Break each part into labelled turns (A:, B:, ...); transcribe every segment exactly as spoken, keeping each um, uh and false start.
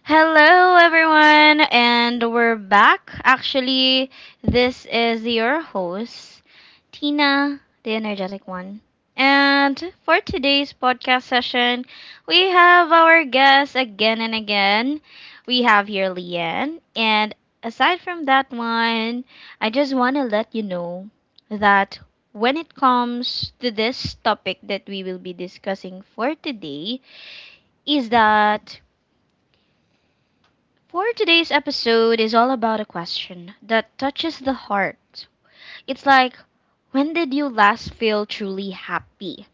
A: Hello, everyone, and we're back. Actually, this is your host, Tina, the energetic one. And for today's podcast session, we have our guest again and again. We have here Leanne. And aside from that one, I just want to let you know that when it comes to this topic that we will be discussing for today, is that for today's episode is all about a question that touches the heart. It's like, when did you last feel truly happy?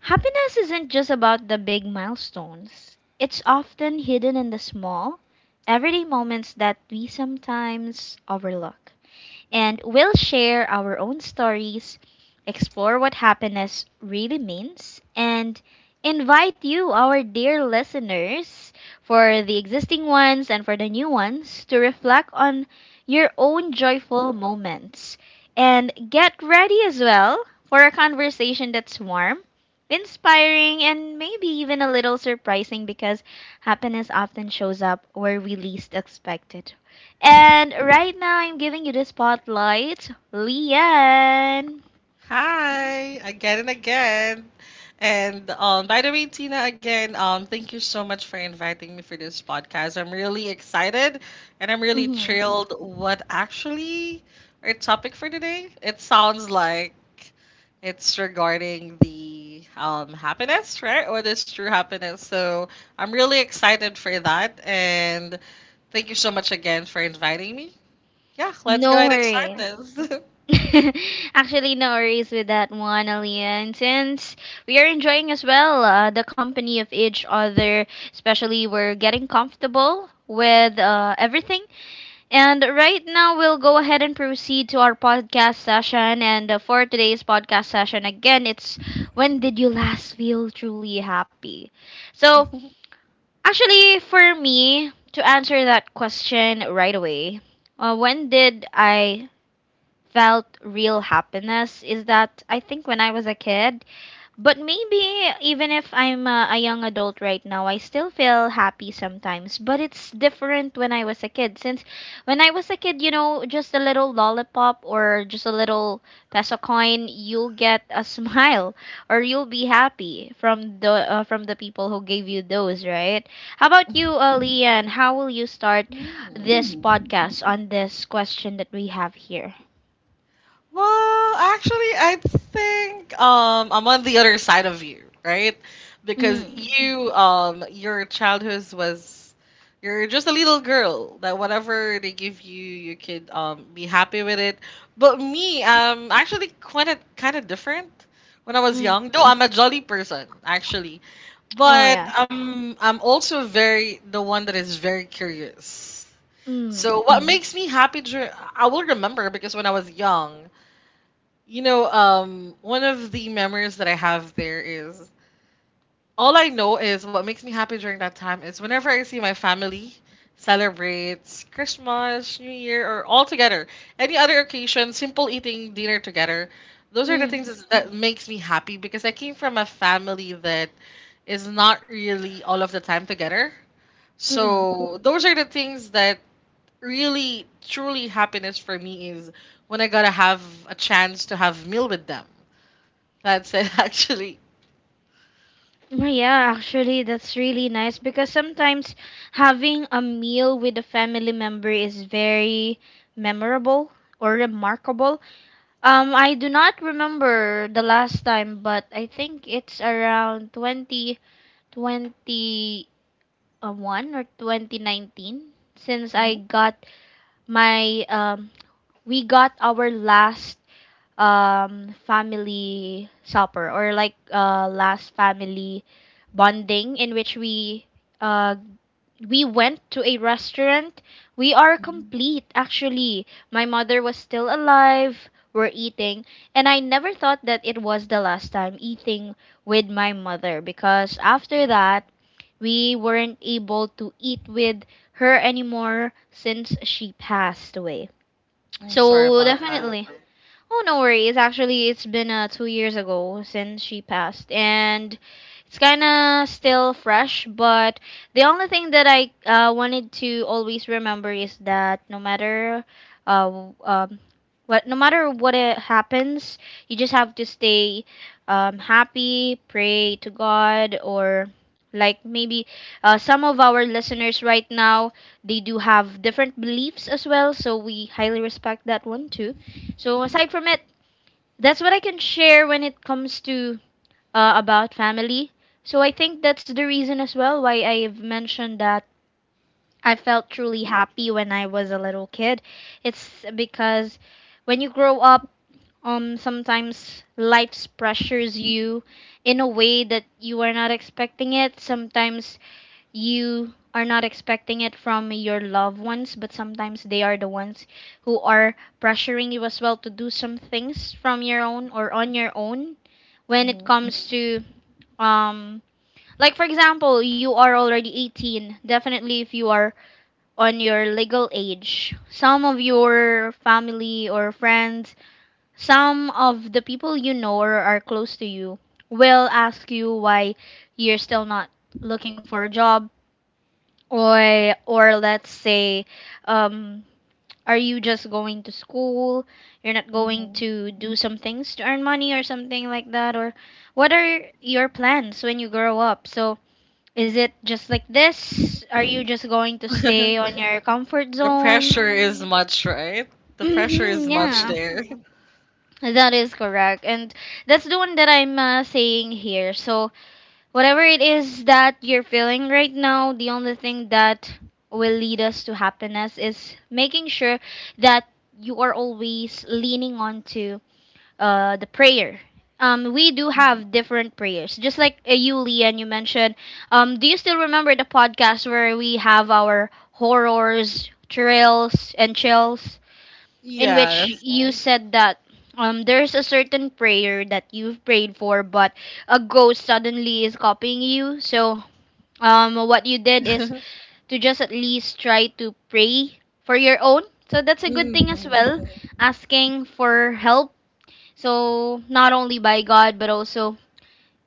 A: Happiness isn't just about the big milestones. It's often hidden in the small, everyday moments that we sometimes overlook, and we'll share our own stories, explore what happiness really means, and invite you, our dear listeners, for the existing ones and for the new ones, to reflect on your own joyful moments. And get ready as well for a conversation that's warm, inspiring, and maybe even a little surprising because happiness often shows up where we least expect it. And right now, I'm giving you the spotlight, Lian.
B: Hi, again and again. And um, by the way, Tina, again, um, thank you so much for inviting me for this podcast. I'm really excited and I'm really
A: hmm
B: thrilled what actually our topic for today. It sounds like it's regarding the um, happiness, right? What is true happiness? So I'm really excited for that. And thank you so much again for inviting me. Yeah, let's go
A: No
B: ahead and start
A: worries.
B: this.
A: Actually, no worries with that one, Alian, since we are enjoying as well uh, the company of each other, especially we're getting comfortable with uh, everything. And right now, we'll go ahead and proceed to our podcast session. And uh, for today's podcast session, again, it's when did you last feel truly happy? So, actually, for me, to answer that question right away, uh, when did I felt real happiness is that I think when I was a kid, but maybe even if I'm a, a young adult right now, I still feel happy sometimes. But it's different when I was a kid. Since when I was a kid, you know, just a little lollipop or just a little peso coin, you'll get a smile or you'll be happy from the uh, from the people who gave you those, right? How about you, uh, Leanne? How will you start
B: Mm.
A: this podcast on this question that we have here?
B: Well, actually, I think um, I'm on the other side of you, right? Because
A: Mm.
B: you, um, your childhood was, you're just a little girl that whatever they give you, you could um, be happy with it. But me, I'm actually quite a, kind of different when I was
A: Mm.
B: young. Though I'm a jolly person, actually,
A: Oh
B: but
A: yeah.
B: I'm I'm also very the one that is very curious.
A: Mm.
B: So what makes me happy during I will remember because when I was young, you know, um one of the memories that I have there is all I know is what makes me happy during that time is whenever I see my family celebrates Christmas, New Year or all together, any other occasion, simple eating dinner together. Those are the things
A: Mm.
B: that's- that makes me happy because I came from a family that is not really all of the time together.
A: Mm.
B: So those are the things that really truly happiness for me is when I gotta have a chance to have meal with them. That's it actually.
A: Oh, yeah, actually, that's really nice because sometimes having a meal with a family member is very memorable or remarkable. Um, I do not remember the last time, but I think it's around twenty twenty-one or twenty nineteen since I
B: Mhm,
A: got my um we got our last um family supper or like uh last family bonding in which we uh we went to a restaurant. We are complete. Actually, my mother was still alive, we're eating, and I never thought that it was the last time eating with my mother, because after
B: mhm.
A: that we weren't able to eat with her anymore since she passed away.
B: Mm, sorry
A: So
B: about that.
A: definitely. Oh, no worries. Actually, it's been uh, two years ago since she passed, and it's kind of still fresh. But the only thing that I uh, wanted to always remember is that no matter uh, w- um, what, no matter what it happens, you just have to stay um, happy, pray to God, or like maybe uh, some of our listeners right now, they do have different beliefs as well. So we highly respect that one too. So aside from it, that's what I can share when it comes to uh, about family. So I think that's the reason as well why I've mentioned that I felt truly happy when I was a little kid. It's because when you grow up, um, sometimes life pressures you in a way that you are not expecting it. Sometimes you are not expecting it from your loved ones, but sometimes they are the ones who are pressuring you as well to do some things from your own or on your own when it comes to um like for example, you are already eighteen. Definitely, if you are on your legal age, some of your family or friends, some of the people you know or are close to you will ask you why you're still not looking for a job, or or let's say, um are you just going to school? You're not going to do some things to earn money or something like that? Or what are your plans when you grow up? So, is it just like this? Are you just going to stay
B: The
A: on your comfort zone?
B: pressure is much, right? The pressure is
A: Hmm
B: much
A: yeah.
B: there.
A: That is correct. And that's the one that I'm uh, saying here. So, whatever it is that you're feeling right now, the only thing that will lead us to happiness is making sure that you are always leaning onto uh, the prayer. Um, we do have different prayers, just like uh, you, Lian, you mentioned. Um, do you still remember the podcast where we have our horrors, thrills, and chills? In which
B: Yes.
A: you said that um, there's a certain prayer that you've prayed for, but a ghost suddenly is copying you. So, um, what you did is to just at least try to pray for your own. So, that's a good thing as well, asking for help. So, not only by God, but also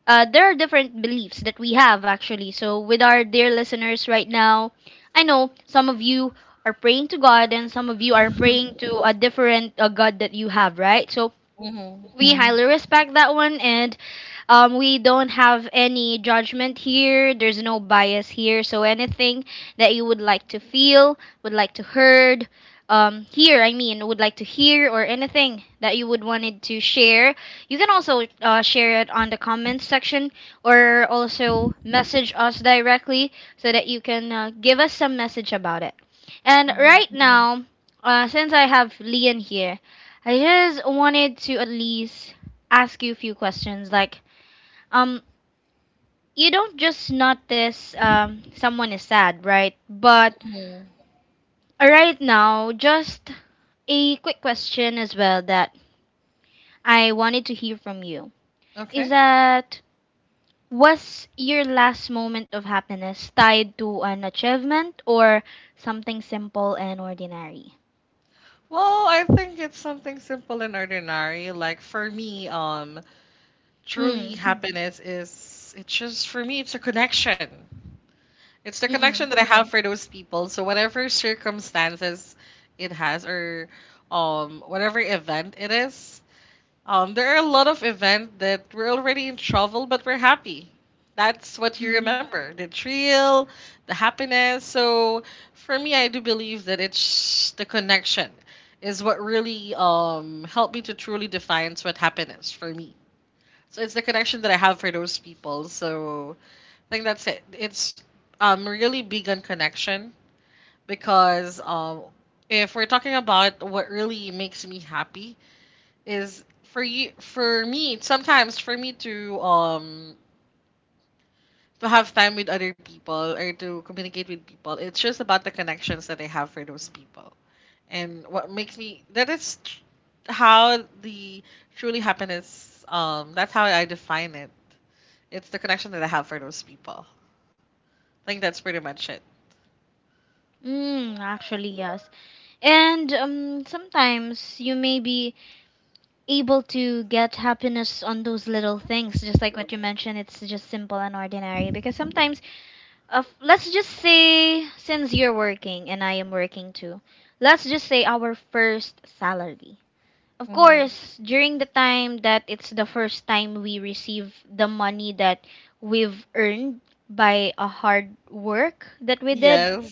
A: uh, there are different beliefs that we have actually. So, with our dear listeners right now, I know some of you are praying to God and some of you are praying to a different uh, God that you have, right? So, we highly respect that one, and um, we don't have any judgment here, there's no bias here, so anything that you would like to feel, would like to heard um, hear i mean would like to hear, or anything that you would wanted to share, you can also uh, share it on the comments section or also message us directly so that you can uh, give us some message about it. And right now, uh, since I have Leon here, I just wanted to at least ask you a few questions. Like, um, you don't just notice um someone is sad, right? But uh, right now, just a quick question as well that I wanted to hear from you is
B: Okay.
A: that, was your last moment of happiness tied to an achievement or something simple and ordinary?
B: Well, I think it's something simple and ordinary. Like for me, um, truly
A: Hmm.
B: happiness is it's just for me it's a connection. It's the
A: Mm.
B: connection
A: Mm.
B: that I have for those people. So whatever circumstances it has or um whatever event it is, um there are a lot of events that we're already in trouble but we're happy. That's what you
A: Mm.
B: remember. The thrill, the happiness. So for me I do believe that it's the connection is what really um helped me to truly define what happiness for me. So it's the connection that I have for those people. So I think that's it. It's um really big on connection because um if we're talking about what really makes me happy is for you for me sometimes for me to um to have time with other people or to communicate with people, it's just about the connections that I have for those people. And what makes me that is tr- how the truly happiness, um that's how I define it. It's the connection that I have for those people. I think that's pretty much it.
A: Mm. Actually, yes. And um, sometimes you may be able to get happiness on those little things, just like what you mentioned. It's just simple and ordinary. Because sometimes, uh, f- let's just say, since you're working and I am working too, let's just say our first salary. Of course, during the time that it's the first time we receive the money that we've earned by a hard work that we did,
B: Yes.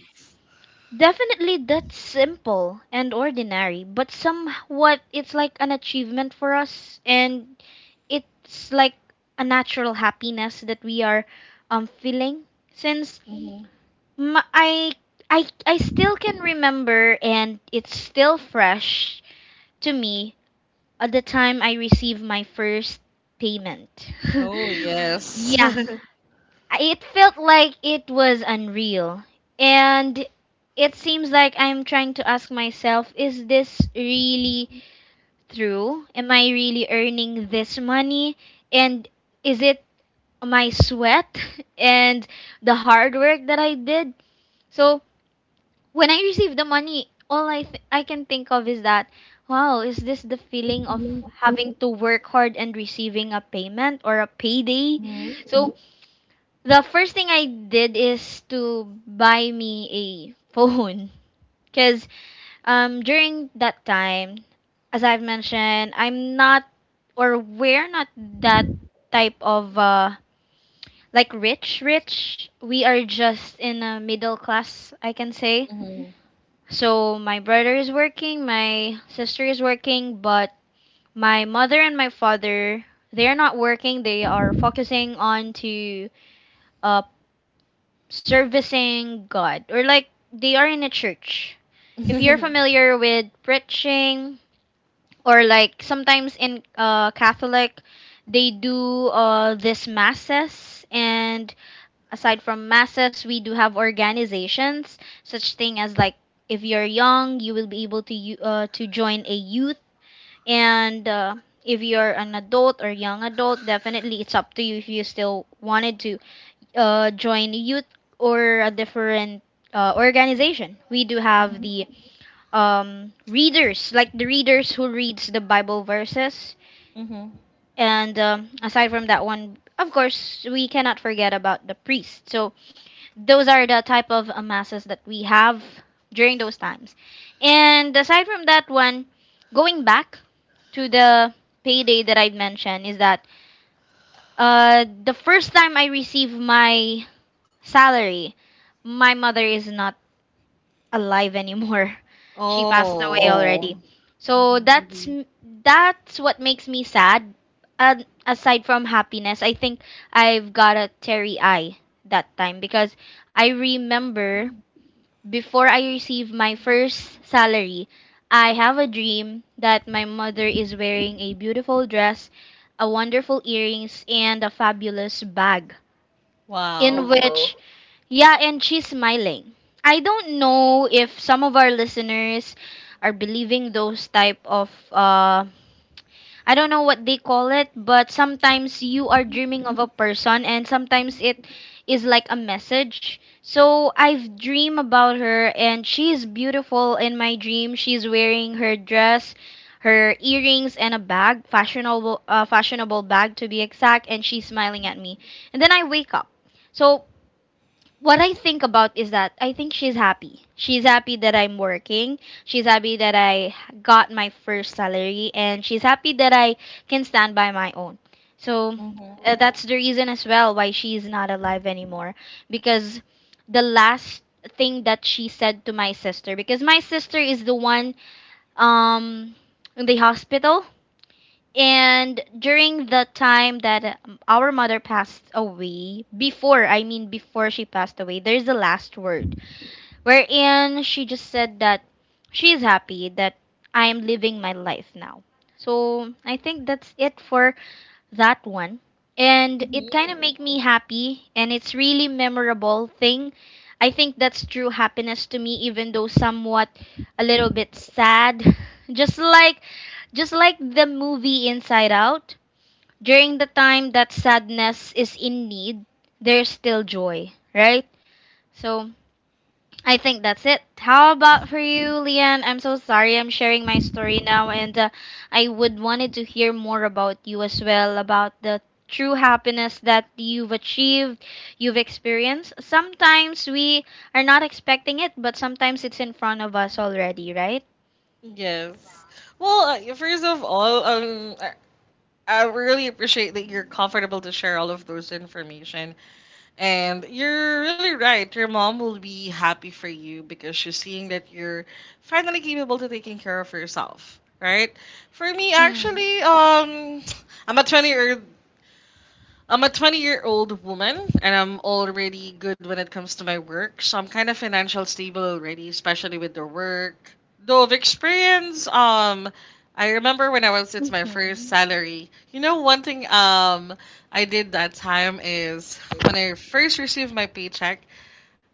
A: definitely that's simple and ordinary, but somewhat it's like an achievement for us, and it's like a natural happiness that we are um feeling since m I I I still can remember, and it's still fresh to me at the time I received my first payment.
B: Oh, yes.
A: Yeah, I- it felt like it was unreal. And it seems like I'm trying to ask myself, is this really true? Am I really earning this money? And is it my sweat and the hard work that I did? So when I receive the money, all I, th- I can think of is that, wow, is this the feeling of having to work hard and receiving a payment or a payday? So the first thing I did is to buy me a phone because um, during that time, as I've mentioned, I'm not or we're not that type of uh, like rich rich. We are just in a middle class, I can say. So my brother is working, my sister is working, but my mother and my father, they're not working. They are focusing on to uh, servicing God, or like they are in a church. If you're familiar with preaching, or like sometimes in uh, Catholic, they do uh, this masses, and aside from masses, we do have organizations, such thing as like if you're young, you will be able to u- uh, to join a youth, and uh, if you're an adult or young adult, definitely it's up to you if you still wanted to uh, join youth or a different uh, organization. We do have the um, readers, like the readers who reads the Bible verses. And um, aside from that one, of course, we cannot forget about the priest. So those are the type of uh, masses that we have during those times. And aside from that one, going back to the payday that I mentioned is that uh, the first time I received my salary. My mother is not alive anymore. She passed away. Oh,
B: Oh,
A: already. Oh. So that's, mm-hmm, m- that's what makes me sad. And aside from happiness, I think I've got a teary eye that time because I remember before I received my first salary, I have a dream that my mother is wearing a beautiful dress, a wonderful earrings, and a fabulous bag, in
B: wow.
A: which, wow. Yeah, and she's smiling. I don't know if some of our listeners are believing those type of uh I don't know what they call it, but sometimes you are dreaming of a person and sometimes it is like a message. So I've dreamed about her and she is beautiful in my dream. She's wearing her dress, her earrings and a bag, fashionable uh, fashionable bag to be exact, and she's smiling at me. And then I wake up. So what I think about is that I think she's happy. She's happy that I'm working. She's happy that I got my first salary and she's happy that I can stand by my own. So uh, that's the reason as well why she's not alive anymore because the last thing that she said to my sister because my sister is the one um in the hospital and during the time that um, our mother passed away, before, I mean, before she passed away, there's a last word wherein she just said that she's happy that I am living my life now. So I think that's it for that one, and it kind of make me happy, and it's really memorable thing. I think that's true happiness to me, even though somewhat a little bit sad. just like just like the movie Inside Out, during the time that sadness is in need, there's still joy, right? So I think that's it. How about for you, Leanne? I'm so sorry I'm sharing my story now, and uh, I would wanted to hear more about you as well about the true happiness that you've achieved, you've experienced. Sometimes we are not expecting it, but sometimes it's in front of us already, right?
B: Yes. Well, uh, first of all, um, I I really appreciate that you're comfortable to share all of those information. And you're really right. Your mom will be happy for you because she's seeing that you're finally capable to taking care of yourself, right? For me,
A: Mm.
B: actually, um, I'm a 20 year I'm a twenty year old woman and I'm already good when it comes to my work. So I'm kind of financial stable already, especially with the work. Though of experience, um, I remember when I was it's my first
A: Mm-hmm.
B: salary. You know, one thing um I did that time is when I first received my paycheck,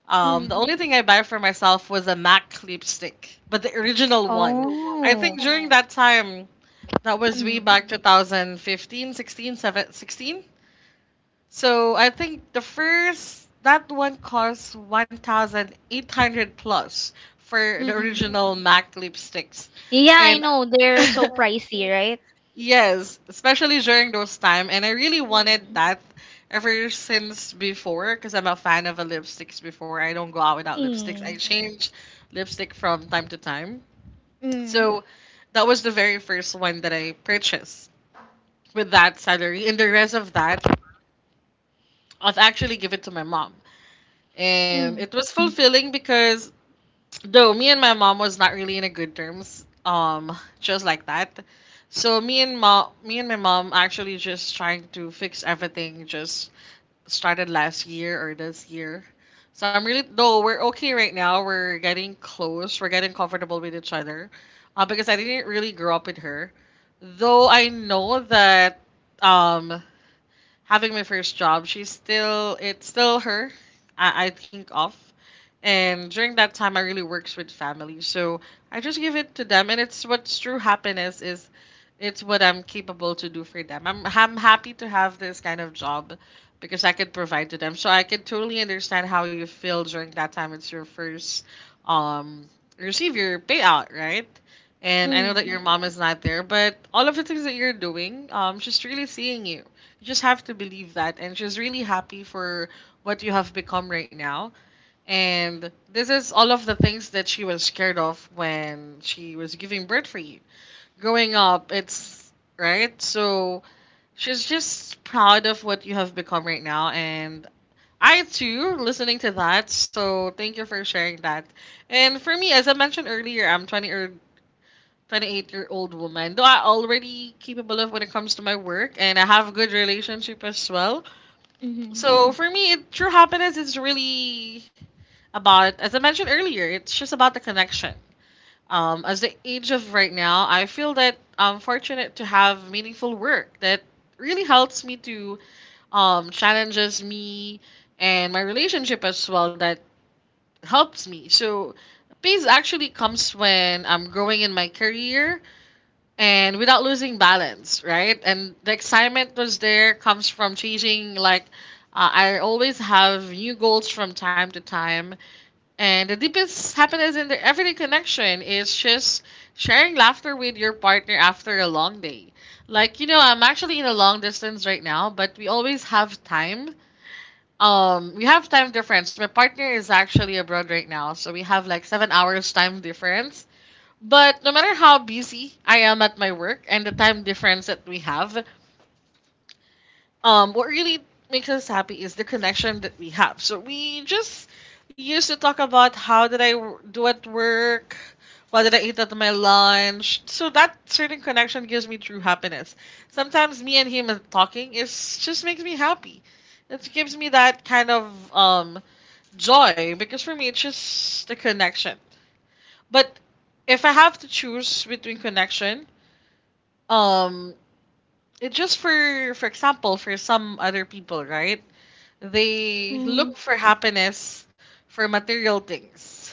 B: um, the
A: Mm.
B: only thing I buy for myself was a M A C lipstick, but the original one. I
A: Oh.
B: think during, oh, that time, that was way
A: Mm.
B: back two thousand fifteen, sixteen, sixteen, seven, so I think the first that one costs one thousand eight hundred plus for the
A: Mm-mm.
B: original M A C lipsticks.
A: Yeah, I
B: And
A: know. They're so pricey, right?
B: yes, especially during those time and I really wanted
A: Mm.
B: that ever since before because I'm a fan of a lipsticks before. I don't go out without lipsticks. I
A: Mm.
B: change lipstick from time to time.
A: Mm.
B: So that was the very first one that I purchased with that salary and the rest of that I've actually given to my mom and
A: Mm.
B: it was fulfilling because though me and my mom was not really in a good terms um just like that. So me and mom me and my mom actually just trying to fix everything just started last year or this year. So I'm really though we're okay right now, we're getting close, we're getting comfortable with each other, uh, because I didn't really grow up with her though I know that um having my first job, she's still it's still her. I, I think of. And during that time I really works with family. So I just give it to them and it's what's true happiness is it's what I'm capable to do for them. I'm I'm happy to have this kind of job because I could provide to them. So I could totally understand how you feel during that time. It's your first um receive your payout, right? And I know that your
A: Mm.
B: mom is not there, but all of the things that you're doing, um, she's really seeing you. You just have to believe that. And she's really happy for what you have become right now. And this is all of the things that she was scared of when she was giving birth for you. Growing up, it's right. So she's just proud of what you have become right now. And I too, listening to that. So thank you for sharing that. And for me, as I mentioned earlier, I'm twenty or twenty-eight year old woman. Though I already capable of when it comes to my work and I have good relationship as well.
A: Mm-hmm.
B: So for me, it, true happiness is really about, as I mentioned earlier, it's just about the connection. Um, as the age of right now, I feel that I'm fortunate to have meaningful work that really helps me to um, challenges me and my relationship as well that helps me. So peace actually comes when I'm growing in my career, and without losing balance, right? And the excitement was there comes from changing like uh, I always have new goals from time to time, and the deepest happiness in the everyday connection is just sharing laughter with your partner after a long day. Like you know, I'm actually in a long distance right now, but we always have time. Um, we have time difference. My partner is actually abroad right now, so we have like seven hours time difference but no matter how busy I am at my work and the time difference that we have, um, what really makes us happy is the connection that we have. So we just used to talk about how did I w- do at work, what did I eat at my lunch. So that certain connection gives me true happiness. Sometimes me and him talking is just makes me happy. It gives me that kind of um, joy because for me it's just the connection. But if I have to choose between connection, um it just, for for example, for some other people, right, they
A: Mm-hmm.
B: look for happiness for material things.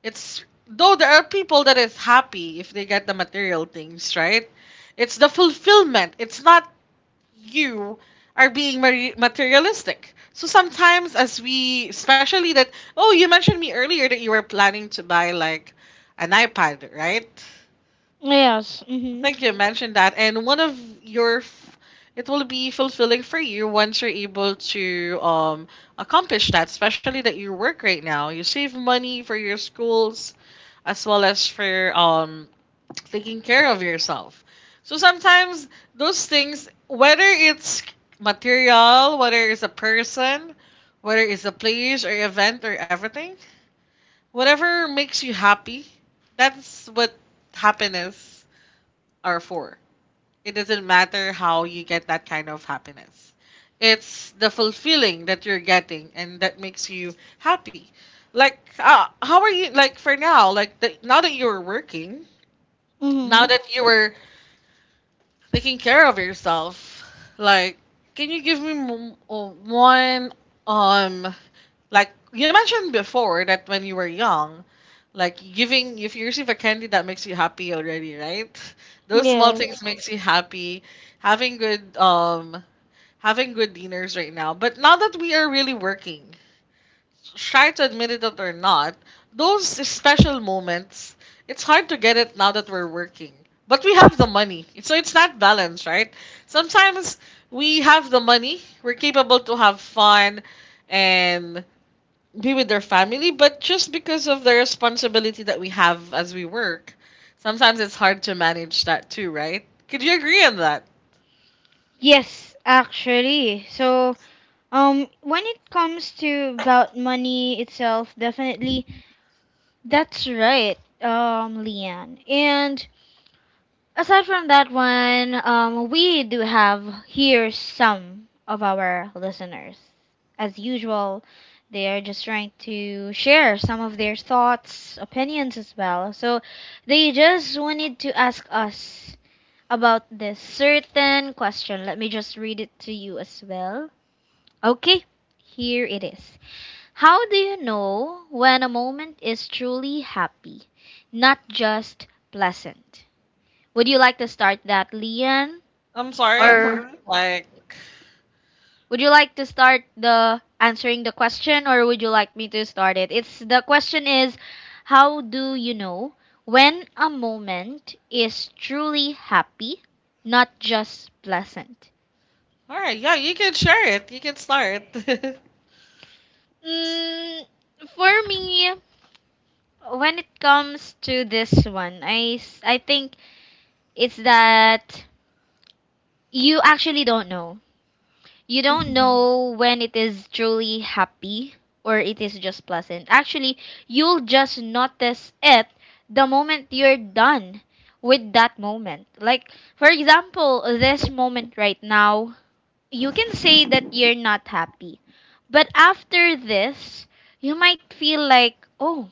B: It's though there are people that is happy if they get the material things, right, it's the fulfillment, it's not you are being mari- materialistic. So sometimes as we especially that, oh, you mentioned me earlier that you were planning to buy like an iPad, right?
A: Yes.
B: I
A: Mm-hmm.
B: think you mentioned that, and one of your f- it will be fulfilling for you once you're able to um accomplish that, especially that you work right now. You save money for your schools as well as for um taking care of yourself. So sometimes those things, whether it's material, whether it's a person, whether it's a place or event or everything, whatever makes you happy, that's what happiness are for. It doesn't matter how you get that kind of happiness. It's the fulfilling that you're getting and that makes you happy. Like, uh, how are you, like, for now, like, the, now that you're working, now
A: Mm-hmm.
B: that you were taking care of yourself. Like, can you give me m- m- one um like you mentioned before that when you were young, like giving if you receive a candy that makes you happy already, right? Those small
A: Yes.
B: things makes you happy. Having good um having good dinners right now. But now that we are really working, try to admit it or not, those special moments, it's hard to get it now that we're working. But we have the money. So it's that balance, right? Sometimes we have the money, we're capable to have fun and be with our family, but just because of the responsibility that we have as we work, sometimes it's hard to manage that too, right? Could you agree on that?
A: Yes, actually. So, um, when it comes to about money itself, definitely that's right, um, Leanne. And aside from that one, um, we do have here some of our listeners. As usual, they are just trying to share some of their thoughts, opinions as well. So, they just wanted to ask us about this certain question. Let me just read it to you as well. Okay, here it is. How do you know when a moment is truly happy, not just pleasant? Would you like to start that, Lian?
B: I'm sorry.
A: Or
B: Like,
A: would you like to start the answering the question, or would you like me to start it? It's the question is how do you know when a moment is truly happy, not just pleasant?
B: all right, yeah, you can share it. You can start.
A: Mm, for me, when it comes to this one, I, s- I think it's that you actually don't know. You don't know when it is truly happy or it is just pleasant. Actually, you'll just notice it the moment you're done with that moment. Like, for example, this moment right now, you can say that you're not happy. But after this, you might feel like, oh,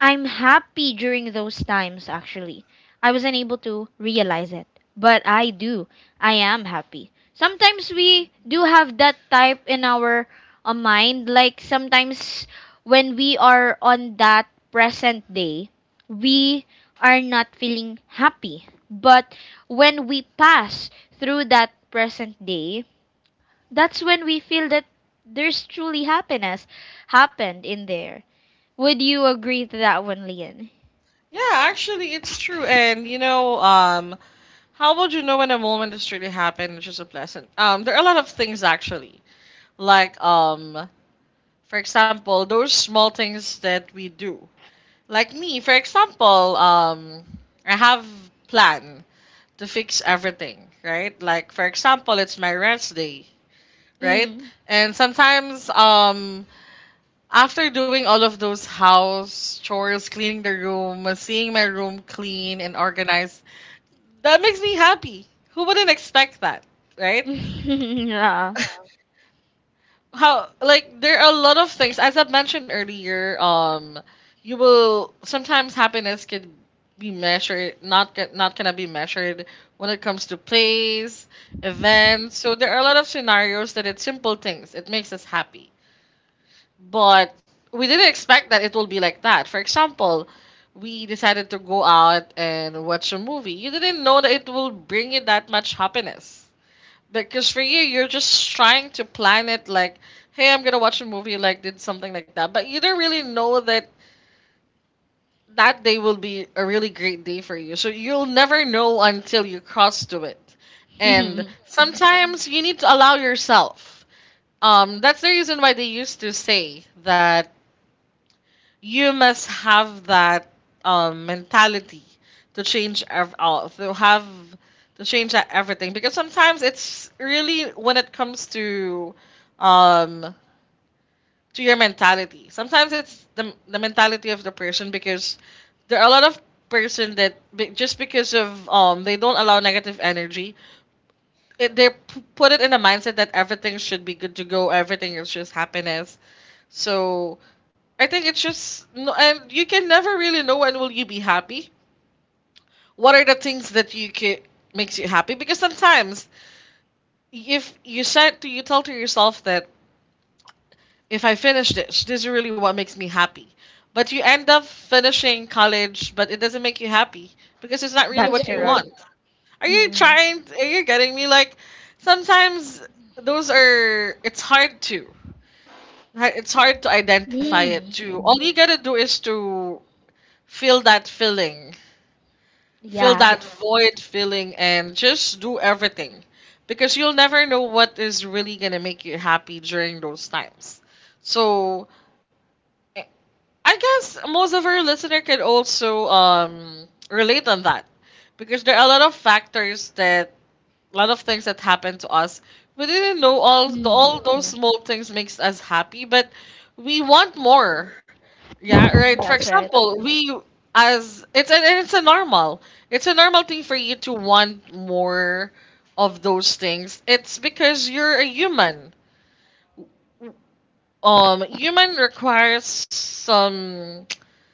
A: I'm happy during those times, actually. I wasn't able to realize it, but I do. I am happy. Sometimes we do have that type in our uh, mind. Like sometimes when we are on that present day, we are not feeling happy. But when we pass through that present day, that's when we feel that there's truly happiness happened in there. Would you agree to that one, Lian?
B: Yeah, actually, it's true. And you know, um, how would you know when a moment has really happened, which is a pleasant? Um, there are a lot of things actually, like um, for example, those small things that we do. Like me, for example, um, I have plan to fix everything, right? Like for example, it's my rest day, right?
A: Mm.
B: And sometimes um after doing all of those house chores, cleaning the room, seeing my room clean and organized, that makes me happy. Who wouldn't expect that, right?
A: Yeah.
B: How, like, there are a lot of things as I mentioned earlier, um you will sometimes happiness could be measured, not ca- not gonna be measured when it comes to plays, events. So there are a lot of scenarios that it's simple things, it makes us happy, but we didn't expect that it will be like that. For example, we decided to go out and watch a movie. You didn't know that it will bring you that much happiness. Because for you, you're just trying to plan it like, hey, I'm gonna watch a movie, like did something like that. But you don't really know that that day will be a really great day for you. So you'll never know until you cross to it. And sometimes you need to allow yourself. Um, that's the reason why they used to say that you must have that um mentality to change ev- all to have to change that everything, because sometimes it's really when it comes to um to your mentality. Sometimes it's the, the mentality of the person, because there are a lot of person that be- just because of um they don't allow negative energy, it, they p- put it in a mindset that everything should be good to go, everything is just happiness. So I think it's just no, and you can never really know when will you be happy. What are the things that you can makes you happy? Because sometimes if you said to you tell to yourself that if I finish this, this is really what makes me happy. But you end up finishing college, but it doesn't make you happy because it's not really
A: That's
B: what you
A: correct.
B: want. Are
A: Work
B: you
A: Mm.
B: trying? Are you getting me? Like, sometimes those are. It's hard to. It's hard to identify it
A: Mm.
B: too. All you gotta do is to feel that feeling, feel that
A: Yes.
B: void feeling, and just do everything. Because you'll never know what is really gonna make you happy during those times. So, I I guess most of our listener could also um, relate on that, because there are a lot of factors that a lot of things that happened to us. We didn't know all the,
A: Mm.
B: all those small things makes us happy, but we want more. Yeah, right. For
A: That's right.
B: example, we as it's a, and it's a normal. It's a normal thing for you to want more of those things. It's because you're a human, um human requires some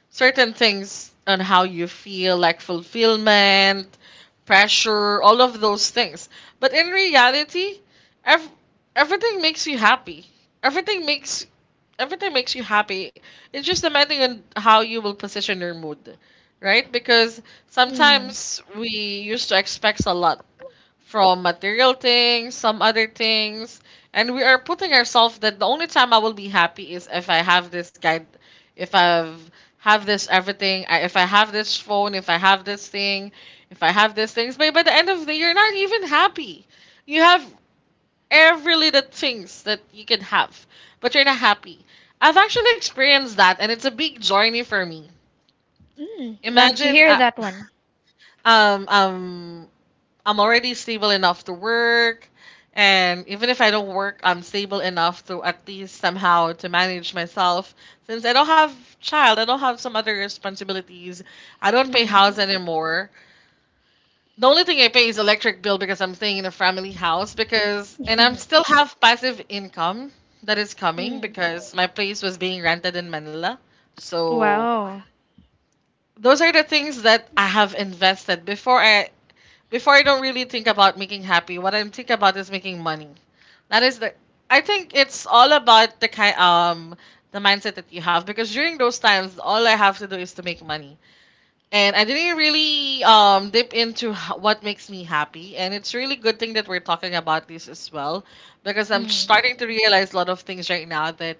B: certain things on how you feel, like fulfillment, pressure, all of those things. But in reality, ev- everything makes you happy, everything makes, everything makes you happy. It's just depending on how you will position your mood, right? Because
A: Mm.
B: sometimes we used to expect a lot from material things, some other things, and we are putting ourselves that the only time I will be happy is if I have this guide, if I've have this everything, I- if I have this phone, if I have this thing, if I have these things. But by the end of the, you're not even happy. You have every little things that you can have, but you're not happy. I've actually experienced that, and it's a big journey for me.
A: Mm. Love to
B: Imagine,
A: hear
B: uh,
A: that one.
B: um, um, I'm already stable enough to work. And even if I don't work, I'm stable enough to at least somehow to manage myself. Since I don't have child, I don't have some other responsibilities. I don't pay
A: Mm.
B: house anymore. The only thing I pay is electric bill because I'm staying in a family house, because and I'm still have passive income that is coming
A: Mm.
B: because my place was being rented in Manila. So
A: Wow.
B: those are the things that I have invested before I, before I don't really think about making happy. What I'm thinking about is making money. That is the, I think it's all about the kind um the mindset that you have, because during those times all I have to do is to make money. And I didn't really um dip into h- what makes me happy, and it's really good thing that we're talking about this as well, because I'm
A: Mm.
B: starting to realize a lot of things right now, that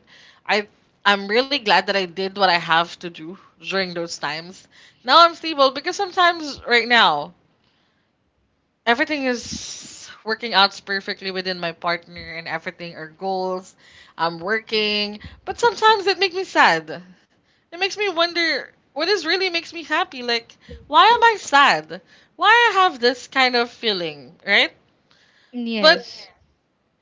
B: I I'm really glad that I did what I have to do during those times. Now I'm stable, because sometimes right now everything is working out perfectly within my partner and everything, our goals, I'm working, but sometimes it makes me sad. It makes me wonder what is really makes me happy, like why am I sad, why I have this kind of feeling, right? But
A: Yes.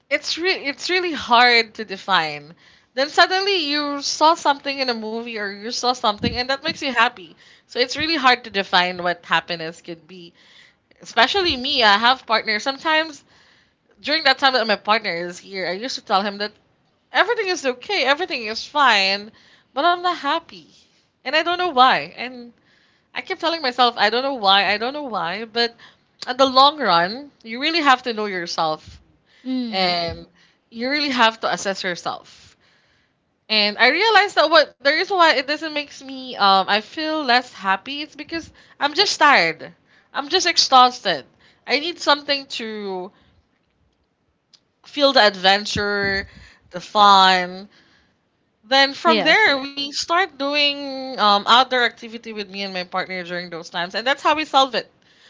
B: it's re- it's really hard to define. Then suddenly you saw something in a movie or you saw something, and that makes you happy. So it's really hard to define what happiness could be, especially me. I have partners sometimes during that time that my partner is here, I used to tell him that everything is okay, everything is fine, but I'm not happy. And I don't know why. And I kept telling myself, I don't know why, I don't know why, but at the long run, you really have to know yourself
A: Mm.
B: and you really have to assess yourself. And I realized that what the reason why it doesn't makes me um I feel less happy, it's because I'm just tired. I'm just exhausted. I need something to feel the adventure, the fun. Then from
A: Yes.
B: there, we start doing um, outdoor activity with me and my partner during those times, and that's how we solve it.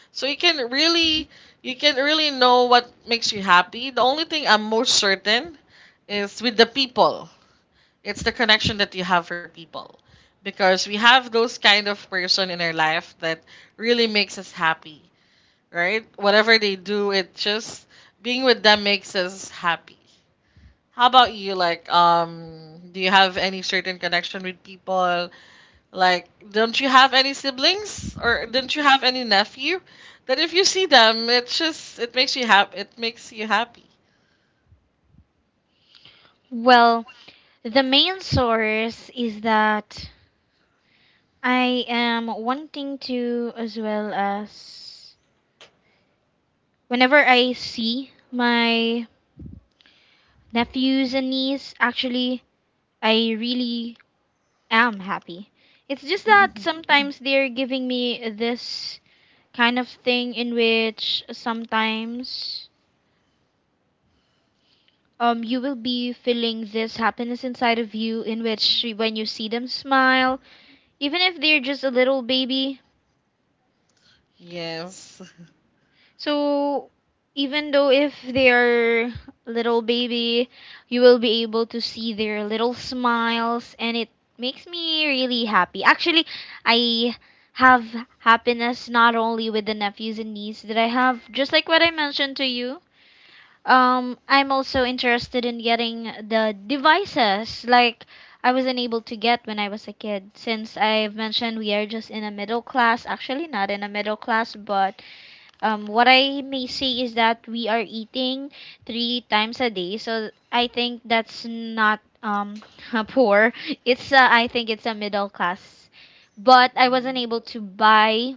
B: So you can really, you can really know what makes you happy. The only thing I'm most certain is with the people. It's the connection that you have for people, because we have those kind of person in our life that really makes us happy, right? Whatever they do, it just being with them makes us happy. How about you? Like, um, do you have any certain connection with people? Like, don't you have any siblings or don't you have any nephew? That if you see them, it's just it makes you happy. It makes you happy.
A: Well, the main source is that I am wanting to, as well as whenever I see my nephews and niece, actually, I really am happy. It's just that sometimes they're giving me this kind of thing in which sometimes um you will be feeling this happiness inside of you in which when you see them smile, even if they're just a little baby,
B: Yes.
A: so even though if they are little baby, you will be able to see their little smiles, and it makes me really happy. Actually, I have happiness not only with the nephews and niece that I have, just like what I mentioned to you. Um, I'm also interested in getting the devices like I wasn't able to get when I was a kid. Since I've mentioned we are just in a middle class, actually not in a middle class, but um, what I may say is that we are eating three times a day, so I think that's not um poor. It's uh, I think it's a middle class, but I wasn't able to buy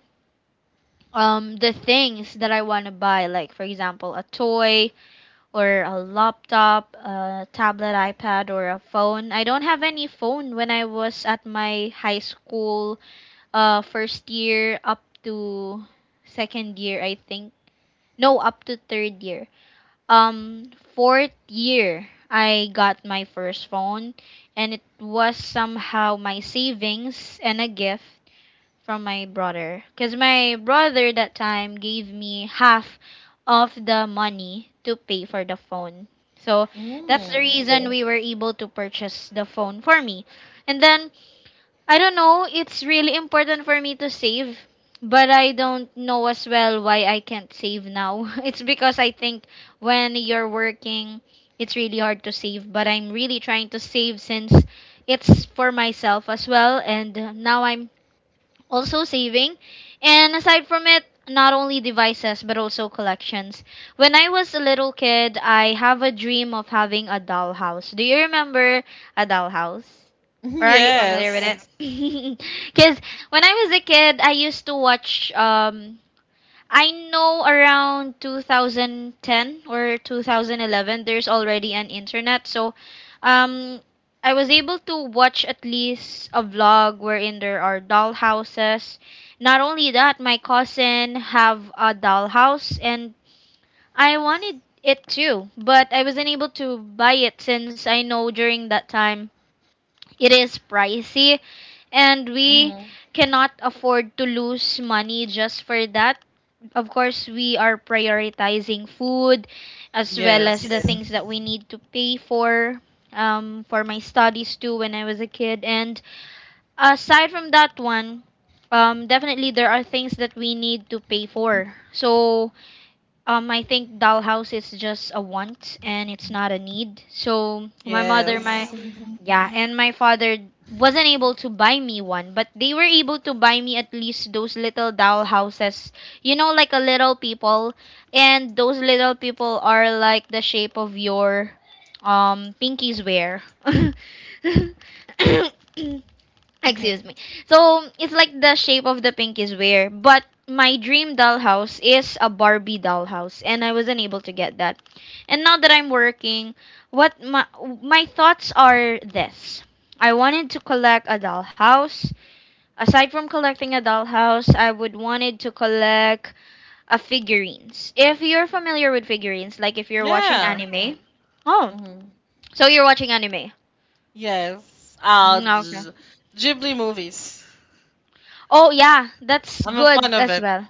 A: um the things that I want to buy, like for example a toy or a laptop, a tablet, iPad, or a phone. I don't have any phone when I was at my high school uh first year up to second year, I think. No, up to third year. Um, fourth year, I got my first phone, and it was somehow my savings and a gift from my brother. Because my brother that time gave me half of the money to pay for the phone. So that's the reason we were able to purchase the phone for me. And then I don't know, it's really important for me to save, but I don't know as well why I can't save now. It's because I think when you're working, it's really hard to save, but I'm really trying to save since it's for myself as well, and now I'm also saving. And aside from it, not only devices but also collections. When I was a little kid, I have a dream of having a dollhouse. Do you remember a dollhouse, or are you familiar with
B: Yes.
A: it? Because when I was a kid, I used to watch um I know around twenty ten or twenty eleven, there's already an internet. So, um, I was able to watch at least a vlog wherein there are dollhouses. Not only that, my cousin have a dollhouse, and I wanted it too, but I wasn't able to buy it since I know during that time it is pricey, and we cannot afford to lose money just for that. Of course, we are prioritizing food as well as the
B: Yes.
A: things that we Yes. need to pay for um, for my studies too when I was a kid. And aside from that one, um, definitely there are things that we need to pay for. So um, I think dollhouse is just a want and it's not a need. So my mother,
B: Yes.
A: my yeah, and my father wasn't able to buy me one, but they were able to buy me at least those little dollhouses. You know, like a little people, and those little people are like the shape of your um pinkies wear. Excuse me. So it's like the shape of the pink is where, but my dream dollhouse is a Barbie dollhouse, and I wasn't able to get that. And now that I'm working, what my my thoughts are this: I wanted to collect a dollhouse. Aside from collecting a dollhouse, I would wanted to collect a figurines. If you're familiar with figurines, like if you're watching
B: Yeah.
A: anime, Mm. oh, so you're watching anime.
B: Yes. Uh,
A: Mm, okay.
B: G- Ghibli movies.
A: Oh yeah, that's
B: I'm a
A: good
B: fan of
A: as
B: it.
A: well.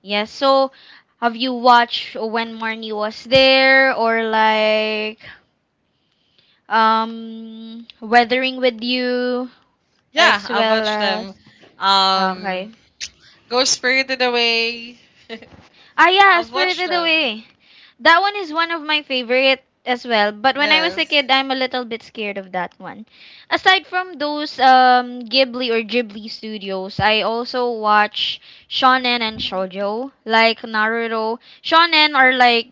A: Yeah, so have you watched When Marnie Was There, or like um Weathering With You
B: Yeah,
A: as
B: I
A: well
B: watch them.
A: as
B: Um,
A: Okay.
B: Ghost Spirited Away.
A: Ah yeah,
B: I've watched
A: Spirited
B: them.
A: Away. That one is one of my favorite as well. But when I was a
B: Yes.
A: kid, I'm a little bit scared of that one. Aside from those um, Ghibli or Ghibli studios, I also watch shonen and shoujo, like Naruto. Shonen are like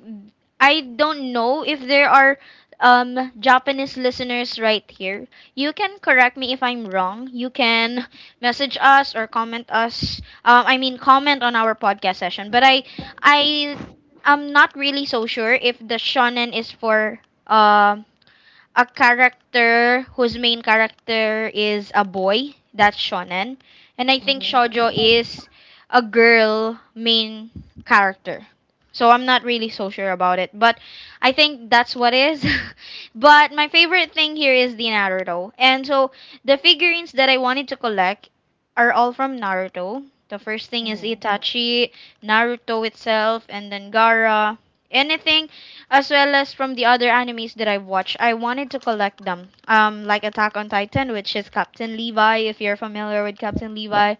A: I don't know if there are um Japanese listeners right here. You can correct me if I'm wrong. You can message us or comment us. Um, I mean comment on our podcast session. But I I I'm not really so sure if the shonen is for uh, a character whose main character is a boy. That's shonen. And I think shoujo is a girl main character. So I'm not really so sure about it, but I think that's what is. But my favorite thing here is the Naruto. And so the figurines that I wanted to collect are all from Naruto. The first thing is Itachi, Naruto itself, and then Gara. Anything as well as from the other animes that I've watched. I wanted to collect them, um, like Attack on Titan, which is Captain Levi, if you're familiar with Captain Levi.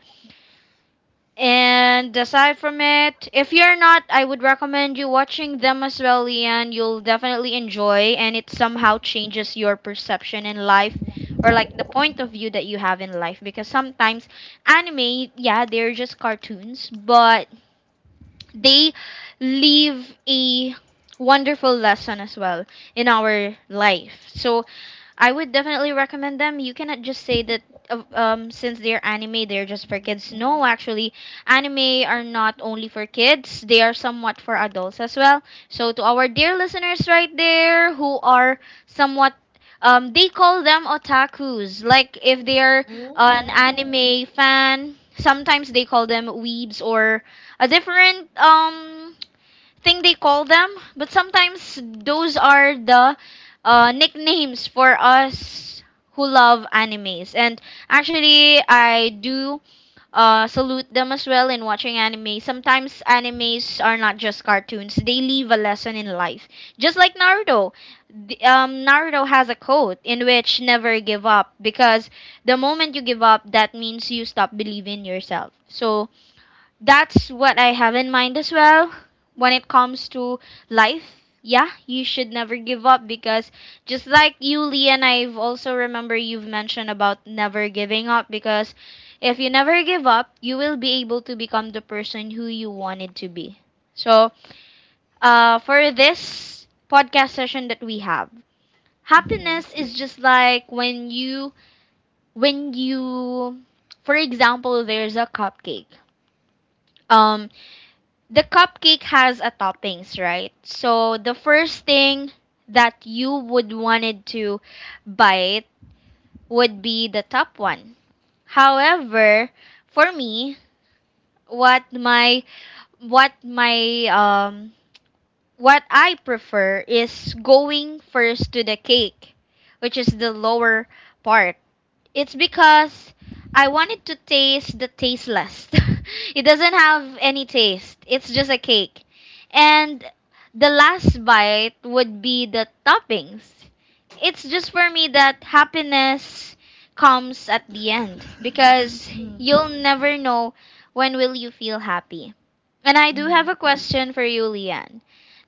A: And aside from it, if you're not, I would recommend you watching them as well, Leanne. You'll definitely enjoy, and it somehow changes your perception in life or like the point of view that you have in life because sometimes anime yeah they're just cartoons but they leave a wonderful lesson as well in our life. So I would definitely recommend them. You cannot just say that uh, um, since they're anime, they're just for kids. No, actually, anime are not only for kids, they are somewhat for adults as well. So, to our dear listeners right there who are somewhat um, they call them otakus. Like if they're an anime fan, sometimes they call them weebs or a different um thing they call them, but sometimes those are the uh, nicknames for us who love animes. And actually, I do uh, salute them as well in watching anime. Sometimes animes are not just cartoons; they leave a lesson in life. Just like Naruto, the- um, Naruto has a quote in which "never give up" because the moment you give up, that means you stop believing in yourself. So that's what I have in mind as well. When it comes to life, yeah, you should never give up because just like you, Lee, and I've also remember you've mentioned about never giving up because if you never give up, you will be able to become the person who you wanted to be. So, uh, for this podcast session that we have, happiness is just like when you, when you, for example, there's a cupcake. Um, the cupcake has a toppings, right? So the first thing that you would wanted to bite would be the top one. However, for me, what my what my um what I prefer is going first to the cake, which is the lower part. It's because I wanted to taste the tasteless. It doesn't have any taste. It's just a cake. And the last bite would be the toppings. It's just for me that happiness comes at the end because you'll never know when will you feel happy. And I do have a question for you, Leanne.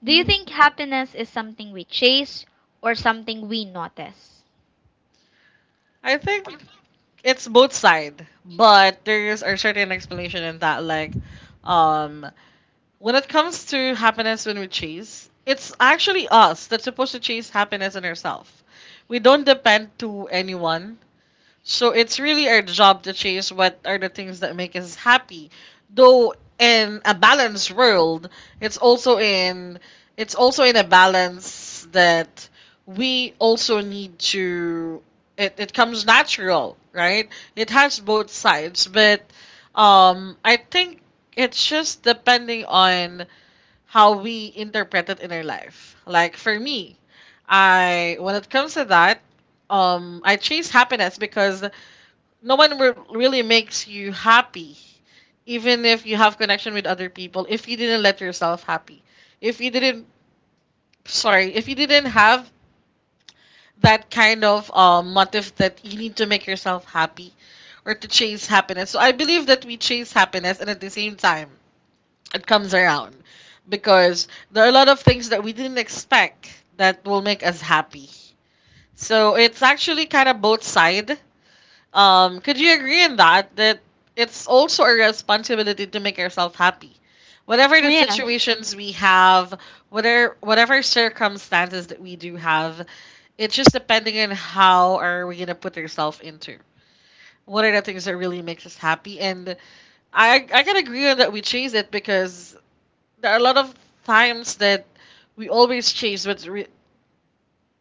A: Do you think happiness is something we chase or something we notice?
B: I think it's both side, but there's a certain explanation in that. Like, um, when it comes to happiness when we chase, it's actually us that's supposed to chase happiness in ourselves. We don't depend to anyone. So it's really our job to chase what are the things that make us happy. Though in a balanced world, it's also in, it's also in a balance that we also need to it, it comes natural, right? It has both sides, but um I think it's just depending on how we interpret it in our life. Like for me, I when it comes to that, um I chase happiness because no one re- really makes you happy, even if you have connection with other people, if you didn't let yourself happy, if you didn't, sorry, if you didn't have that kind of um, motive that you need to make yourself happy or to chase happiness. So I believe that we chase happiness and at the same time it comes around, because there are a lot of things that we didn't expect that will make us happy. So it's actually kind of both side. Um, could you agree in that, that it's also a responsibility to make yourself happy? Whatever the
A: Yes.
B: situations we have, whatever whatever circumstances that we do have, it's just depending on how are we gonna put ourselves into. What are the things that really makes us happy? And I I can agree on that we chase it, because there are a lot of times that we always chase what's re-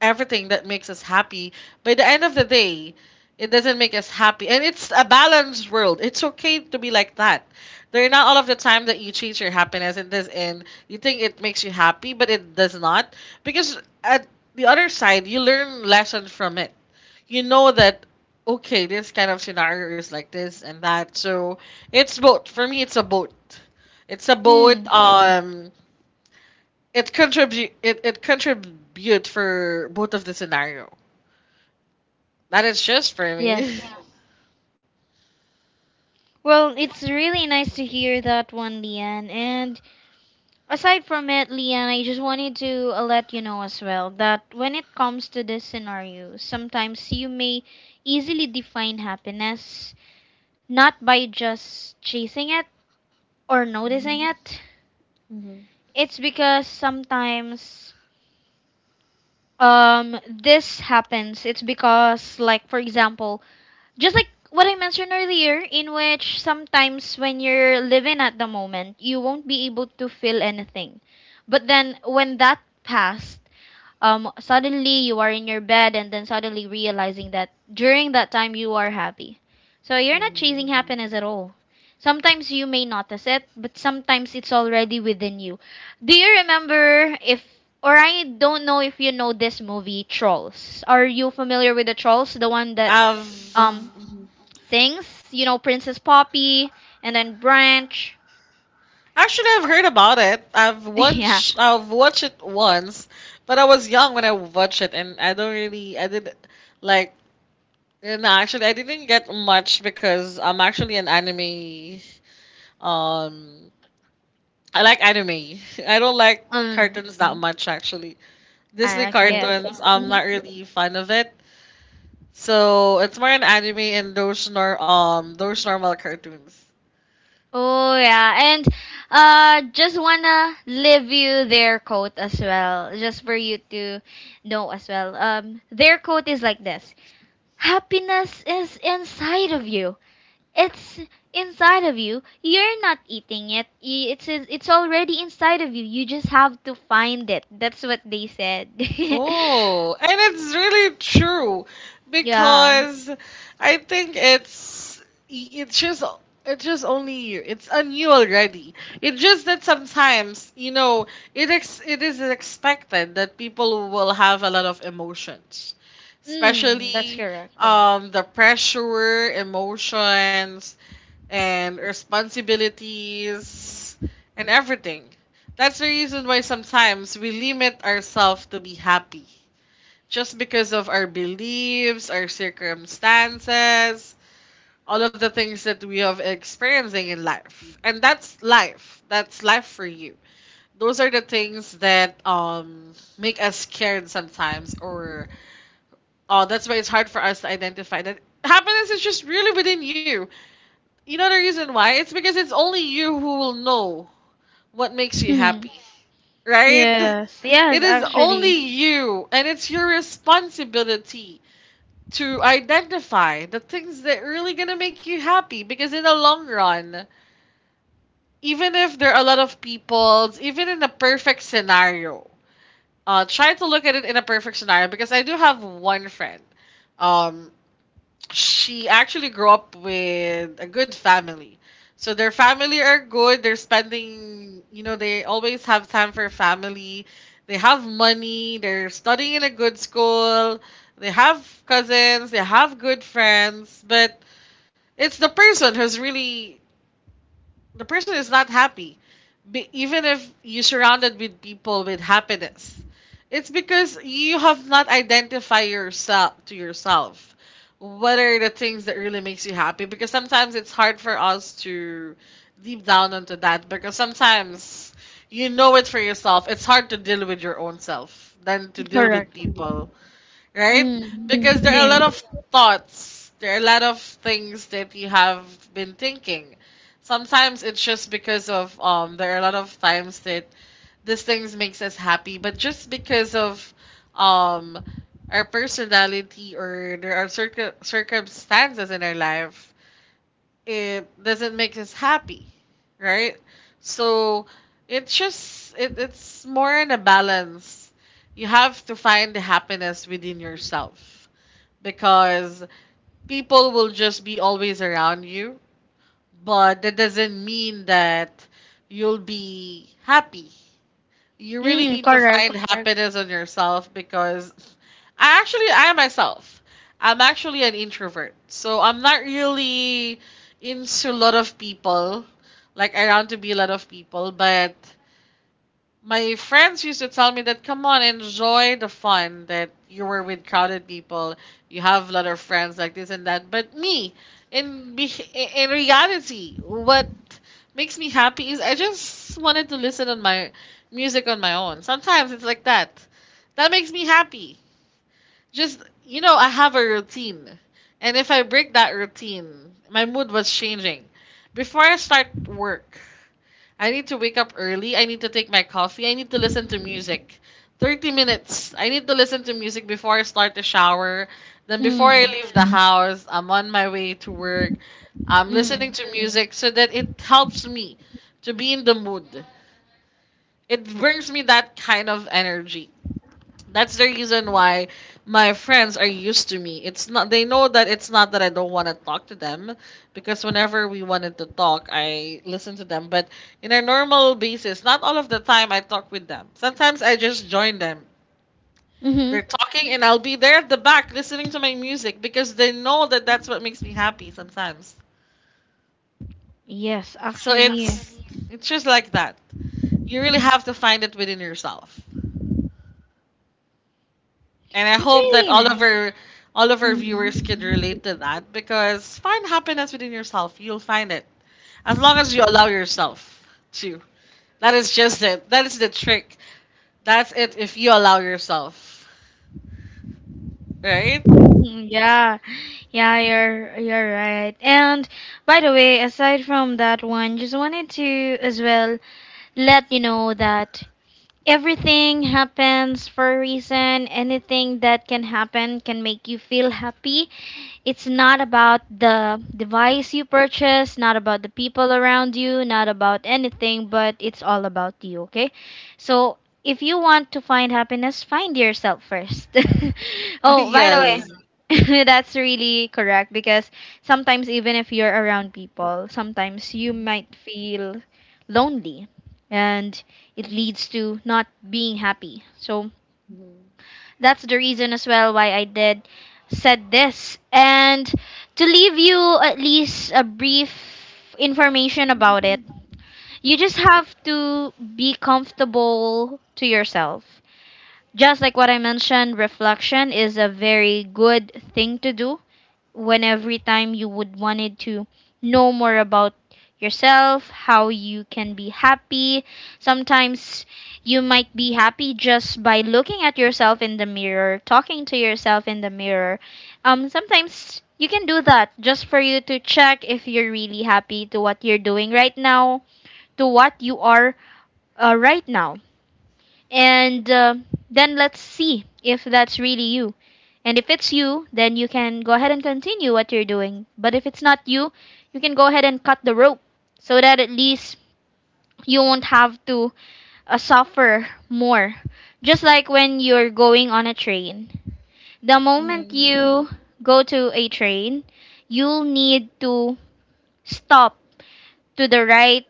B: everything that makes us happy. By the end of the day, it doesn't make us happy. And it's a balanced world. It's okay to be like that. There are not all of the time that you chase your happiness and this and you think it makes you happy, but it does not. Because at the other side, you learn lessons from it. You know that, okay, this kind of scenario is like this and that. So it's both. For me, it's a boat. It's a boat. Um, it contribute it, it contribute for both of the scenario. That is just for me.
A: Yes. Well, it's really nice to hear that one, Leanne. And aside from it, Leanne, I just wanted to uh, let you know as well that when it comes to this scenario, sometimes you may easily define happiness not by just chasing it or noticing it. It's because sometimes um this happens. It's because like for example, just like what I mentioned earlier, in which sometimes when you're living at the moment, you won't be able to feel anything. But then when that passed, um, suddenly you are in your bed and then suddenly realizing that during that time you are happy. So you're not chasing, mm-hmm, happiness at all. Sometimes you may notice it, but sometimes it's already within you. Do you remember if, or I don't know if you know this movie, Trolls? Are you familiar with the Trolls? The one that
B: I've
A: um things, you know, Princess Poppy and then Branch.
B: actually I've heard about it. I've
A: Yeah.
B: watched I've watched it once, but I was young when I watched it, and I don't really I did like you know actually I didn't get much because I'm actually an anime. Um, I like anime. I don't like
A: Um
B: cartoons that much actually. Disney
A: I okay, I see.
B: cartoons. I'm not
A: Mhm.
B: really fan of it. So it's more an anime and those nor um those normal cartoons.
A: Oh yeah. And uh just wanna leave you their quote as well, just for you to know as well. Um their quote is like this. Happiness is inside of you. It's inside of you. You're not eating it. Y- It's it's already inside of you. You just have to find it. That's what they said.
B: Oh, and it's really true
A: Yeah.
B: because I think it's it's just it's just only you. It's on you already. It's just that, sometimes you know, it ex- it is expected that people will have a lot of emotions,
A: Mm, that's.
B: especially um the pressure emotions and responsibilities and everything. That's the reason why sometimes we limit ourselves to be happy just because of our beliefs, our circumstances, all of the things that we have experiencing in life. And that's life. That's life for you. Those are the things that um make us scared sometimes, or oh, that's why it's hard for us to identify that happiness is just really within you. You know the reason why? It's because it's only you who will know what makes you
A: Mhm.
B: happy, right?
A: Yes, yes,
B: It is only
A: actually,
B: you, and it's your responsibility to identify the things that really gonna make you happy. Because in the long run, even if there are a lot of people, even in a perfect scenario, uh, try to look at it in a perfect scenario. Because I do have one friend. Um, she actually grew up with a good family. So their family are good. They're spending, you know, they always have time for family. They have money. They're studying in a good school. They have cousins. They have good friends. But it's the person who's really, the person is not happy. Be- even if you surrounded with people with happiness, it's because you have not identified yourself to yourself what are the things that really makes you happy, because sometimes it's hard for us to deep down into that, because sometimes, you know, it for yourself, it's hard to deal with your own self than to deal with
A: correct.
B: people, right?
A: Mm,
B: Because there are a lot
A: yes,
B: of thoughts, there are a lot of things that you have been thinking. Sometimes it's just because of, um there are a lot of times that these things makes us happy, but just because of um our personality, or there are circ- circumstances in our life, it doesn't make us happy, right? So it's just it, it's more in a balance. You have to find the happiness within yourself, because people will just be always around you, but that doesn't mean that you'll be happy. You really
A: mm,
B: need to find
A: correct.
B: happiness in yourself, because I actually I myself, I'm actually an introvert. So I'm not really into a lot of people. Like around to be a lot of people, but my friends used to tell me that, come on, enjoy the fun that you were with crowded people. You have a lot of friends like this and that. But me, in be- in reality, what makes me happy is I just wanted to listen on my music on my own. Sometimes it's like that. That makes me happy. Just, you know, I have a routine, and if I break that routine, my mood was changing. Before I start work, I need to wake up early. I need to take my coffee. I need to listen to music. thirty minutes. I need to listen to music before I start the shower. Then before I
A: Mm,
B: leave the house, I'm on my way to work. I'm listening
A: mm,
B: to music so that it helps me to be in the mood. It brings me that kind of energy. That's the reason why my friends are used to me. It's not, they know that it's not that I don't want to talk to them, because whenever we wanted to talk, I listen to them, but in a normal basis, not all of the time I talk with them. Sometimes I just join them.
A: mm-hmm.
B: They're talking and I'll be there at the back listening to my music because they know that that's what makes me happy sometimes.
A: Yes,
B: So
A: actually,
B: it's it's just like that. You really have to find it within yourself. And I
A: that's
B: hope that
A: really
B: all of
A: nice.
B: our all of our viewers
A: Mm.
B: can relate to that, because find happiness within yourself. You'll find it. As long as you allow yourself to. That is just it. That is the trick. That's it, if you allow yourself. Right?
A: Mm, yeah, yeah, you're you're right. And by the way, aside from that one, just wanted to as well let you know that everything happens for a reason. Anything that can happen can make you feel happy. It's not about the device you purchase, not about the people around you, not about anything, but it's all about you, okay? So if you want to find happiness, find yourself first. Oh, by the
B: Yes.
A: way, that's really correct because sometimes even if you're around people, sometimes you might feel lonely and it leads to not being happy. So that's the reason as well why I did said this. And to leave you at least a brief information about it, you just have to be comfortable to yourself. Just like what I mentioned, reflection is a very good thing to do when every time you would wanted to know more about yourself, how you can be happy. Sometimes you might be happy just by looking at yourself in the mirror, talking to yourself in the mirror. Um sometimes you can do that just for you to check if you're really happy to what you're doing right now, to what you are uh, right now and uh, then let's see if that's really you. And if it's you, then you can go ahead and continue what you're doing. But if it's not you, you can go ahead and cut the rope so that at least you won't have to uh, suffer more. Just like when you're going on a train, the moment you go to a train, you'll need to stop to the right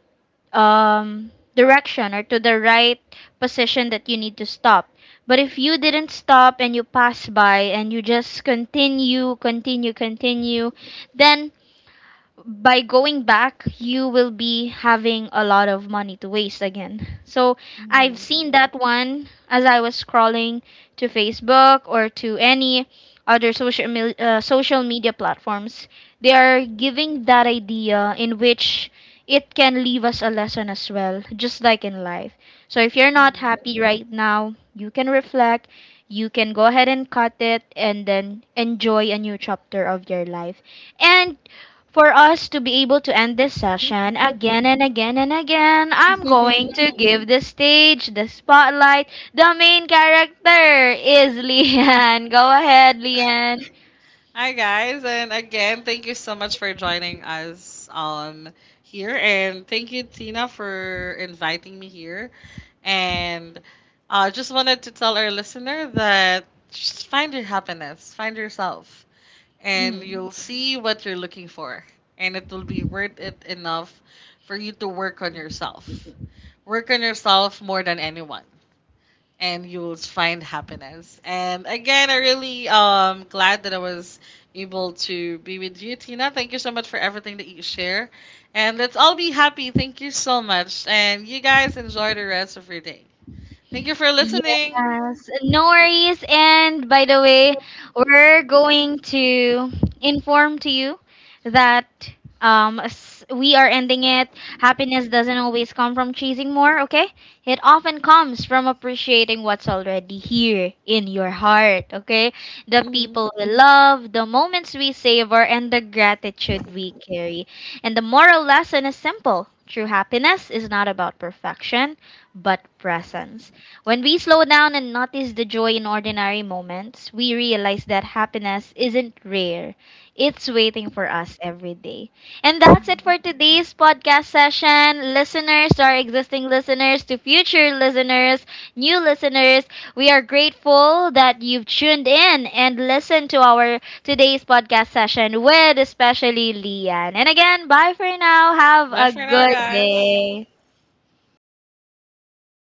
A: um, direction or to the right position that you need to stop. But if you didn't stop and you pass by and you just continue, continue, continue, then by going back, you will be having a lot of money to waste again. So I've seen that one as I was scrolling to Facebook or to any other social mil- uh, social media platforms. They are giving that idea in which it can leave us a lesson as well, just like in life. So if you're not happy right now, you can reflect. You can go ahead and cut it and then enjoy a new chapter of your life. And for us to be able to end this session again and again and again, I'm going to give the stage, the spotlight. The main character is Lian. Go ahead, Lian.
B: Hi guys, and again, thank you so much for joining us um here, and thank you, Tina, for inviting me here. And I, uh, just wanted to tell our listener that just find your happiness, find yourself, and
A: Mhm.
B: you'll see what you're looking for, and it will be worth it enough for you to work on yourself. Work on yourself more than anyone and you'll find happiness. And again, I really um glad that I was able to be with you, Tina. Thank you so much for everything that you share. And let's all be happy. Thank you so much. And you guys enjoy the rest of your day. Thank you for listening.
A: Yes, no worries. And by the way, we're going to inform to you that um s- we are ending it. Happiness doesn't always come from chasing more, okay? It often comes from appreciating what's already here in your heart, okay? The people we love, the moments we savor, and the gratitude we carry. And the moral lesson is simple. True happiness is not about perfection, but presence. When we slow down and notice the joy in ordinary moments, we realize that happiness isn't rare. It's waiting for us every day. And that's it for today's podcast session. Listeners, to our existing listeners, to future listeners, new listeners, we are grateful that you've tuned in and listened to our today's podcast session with especially Lian. And again, bye for now. Have
B: Bye
A: a
B: for now,
A: good
B: guys.
A: day.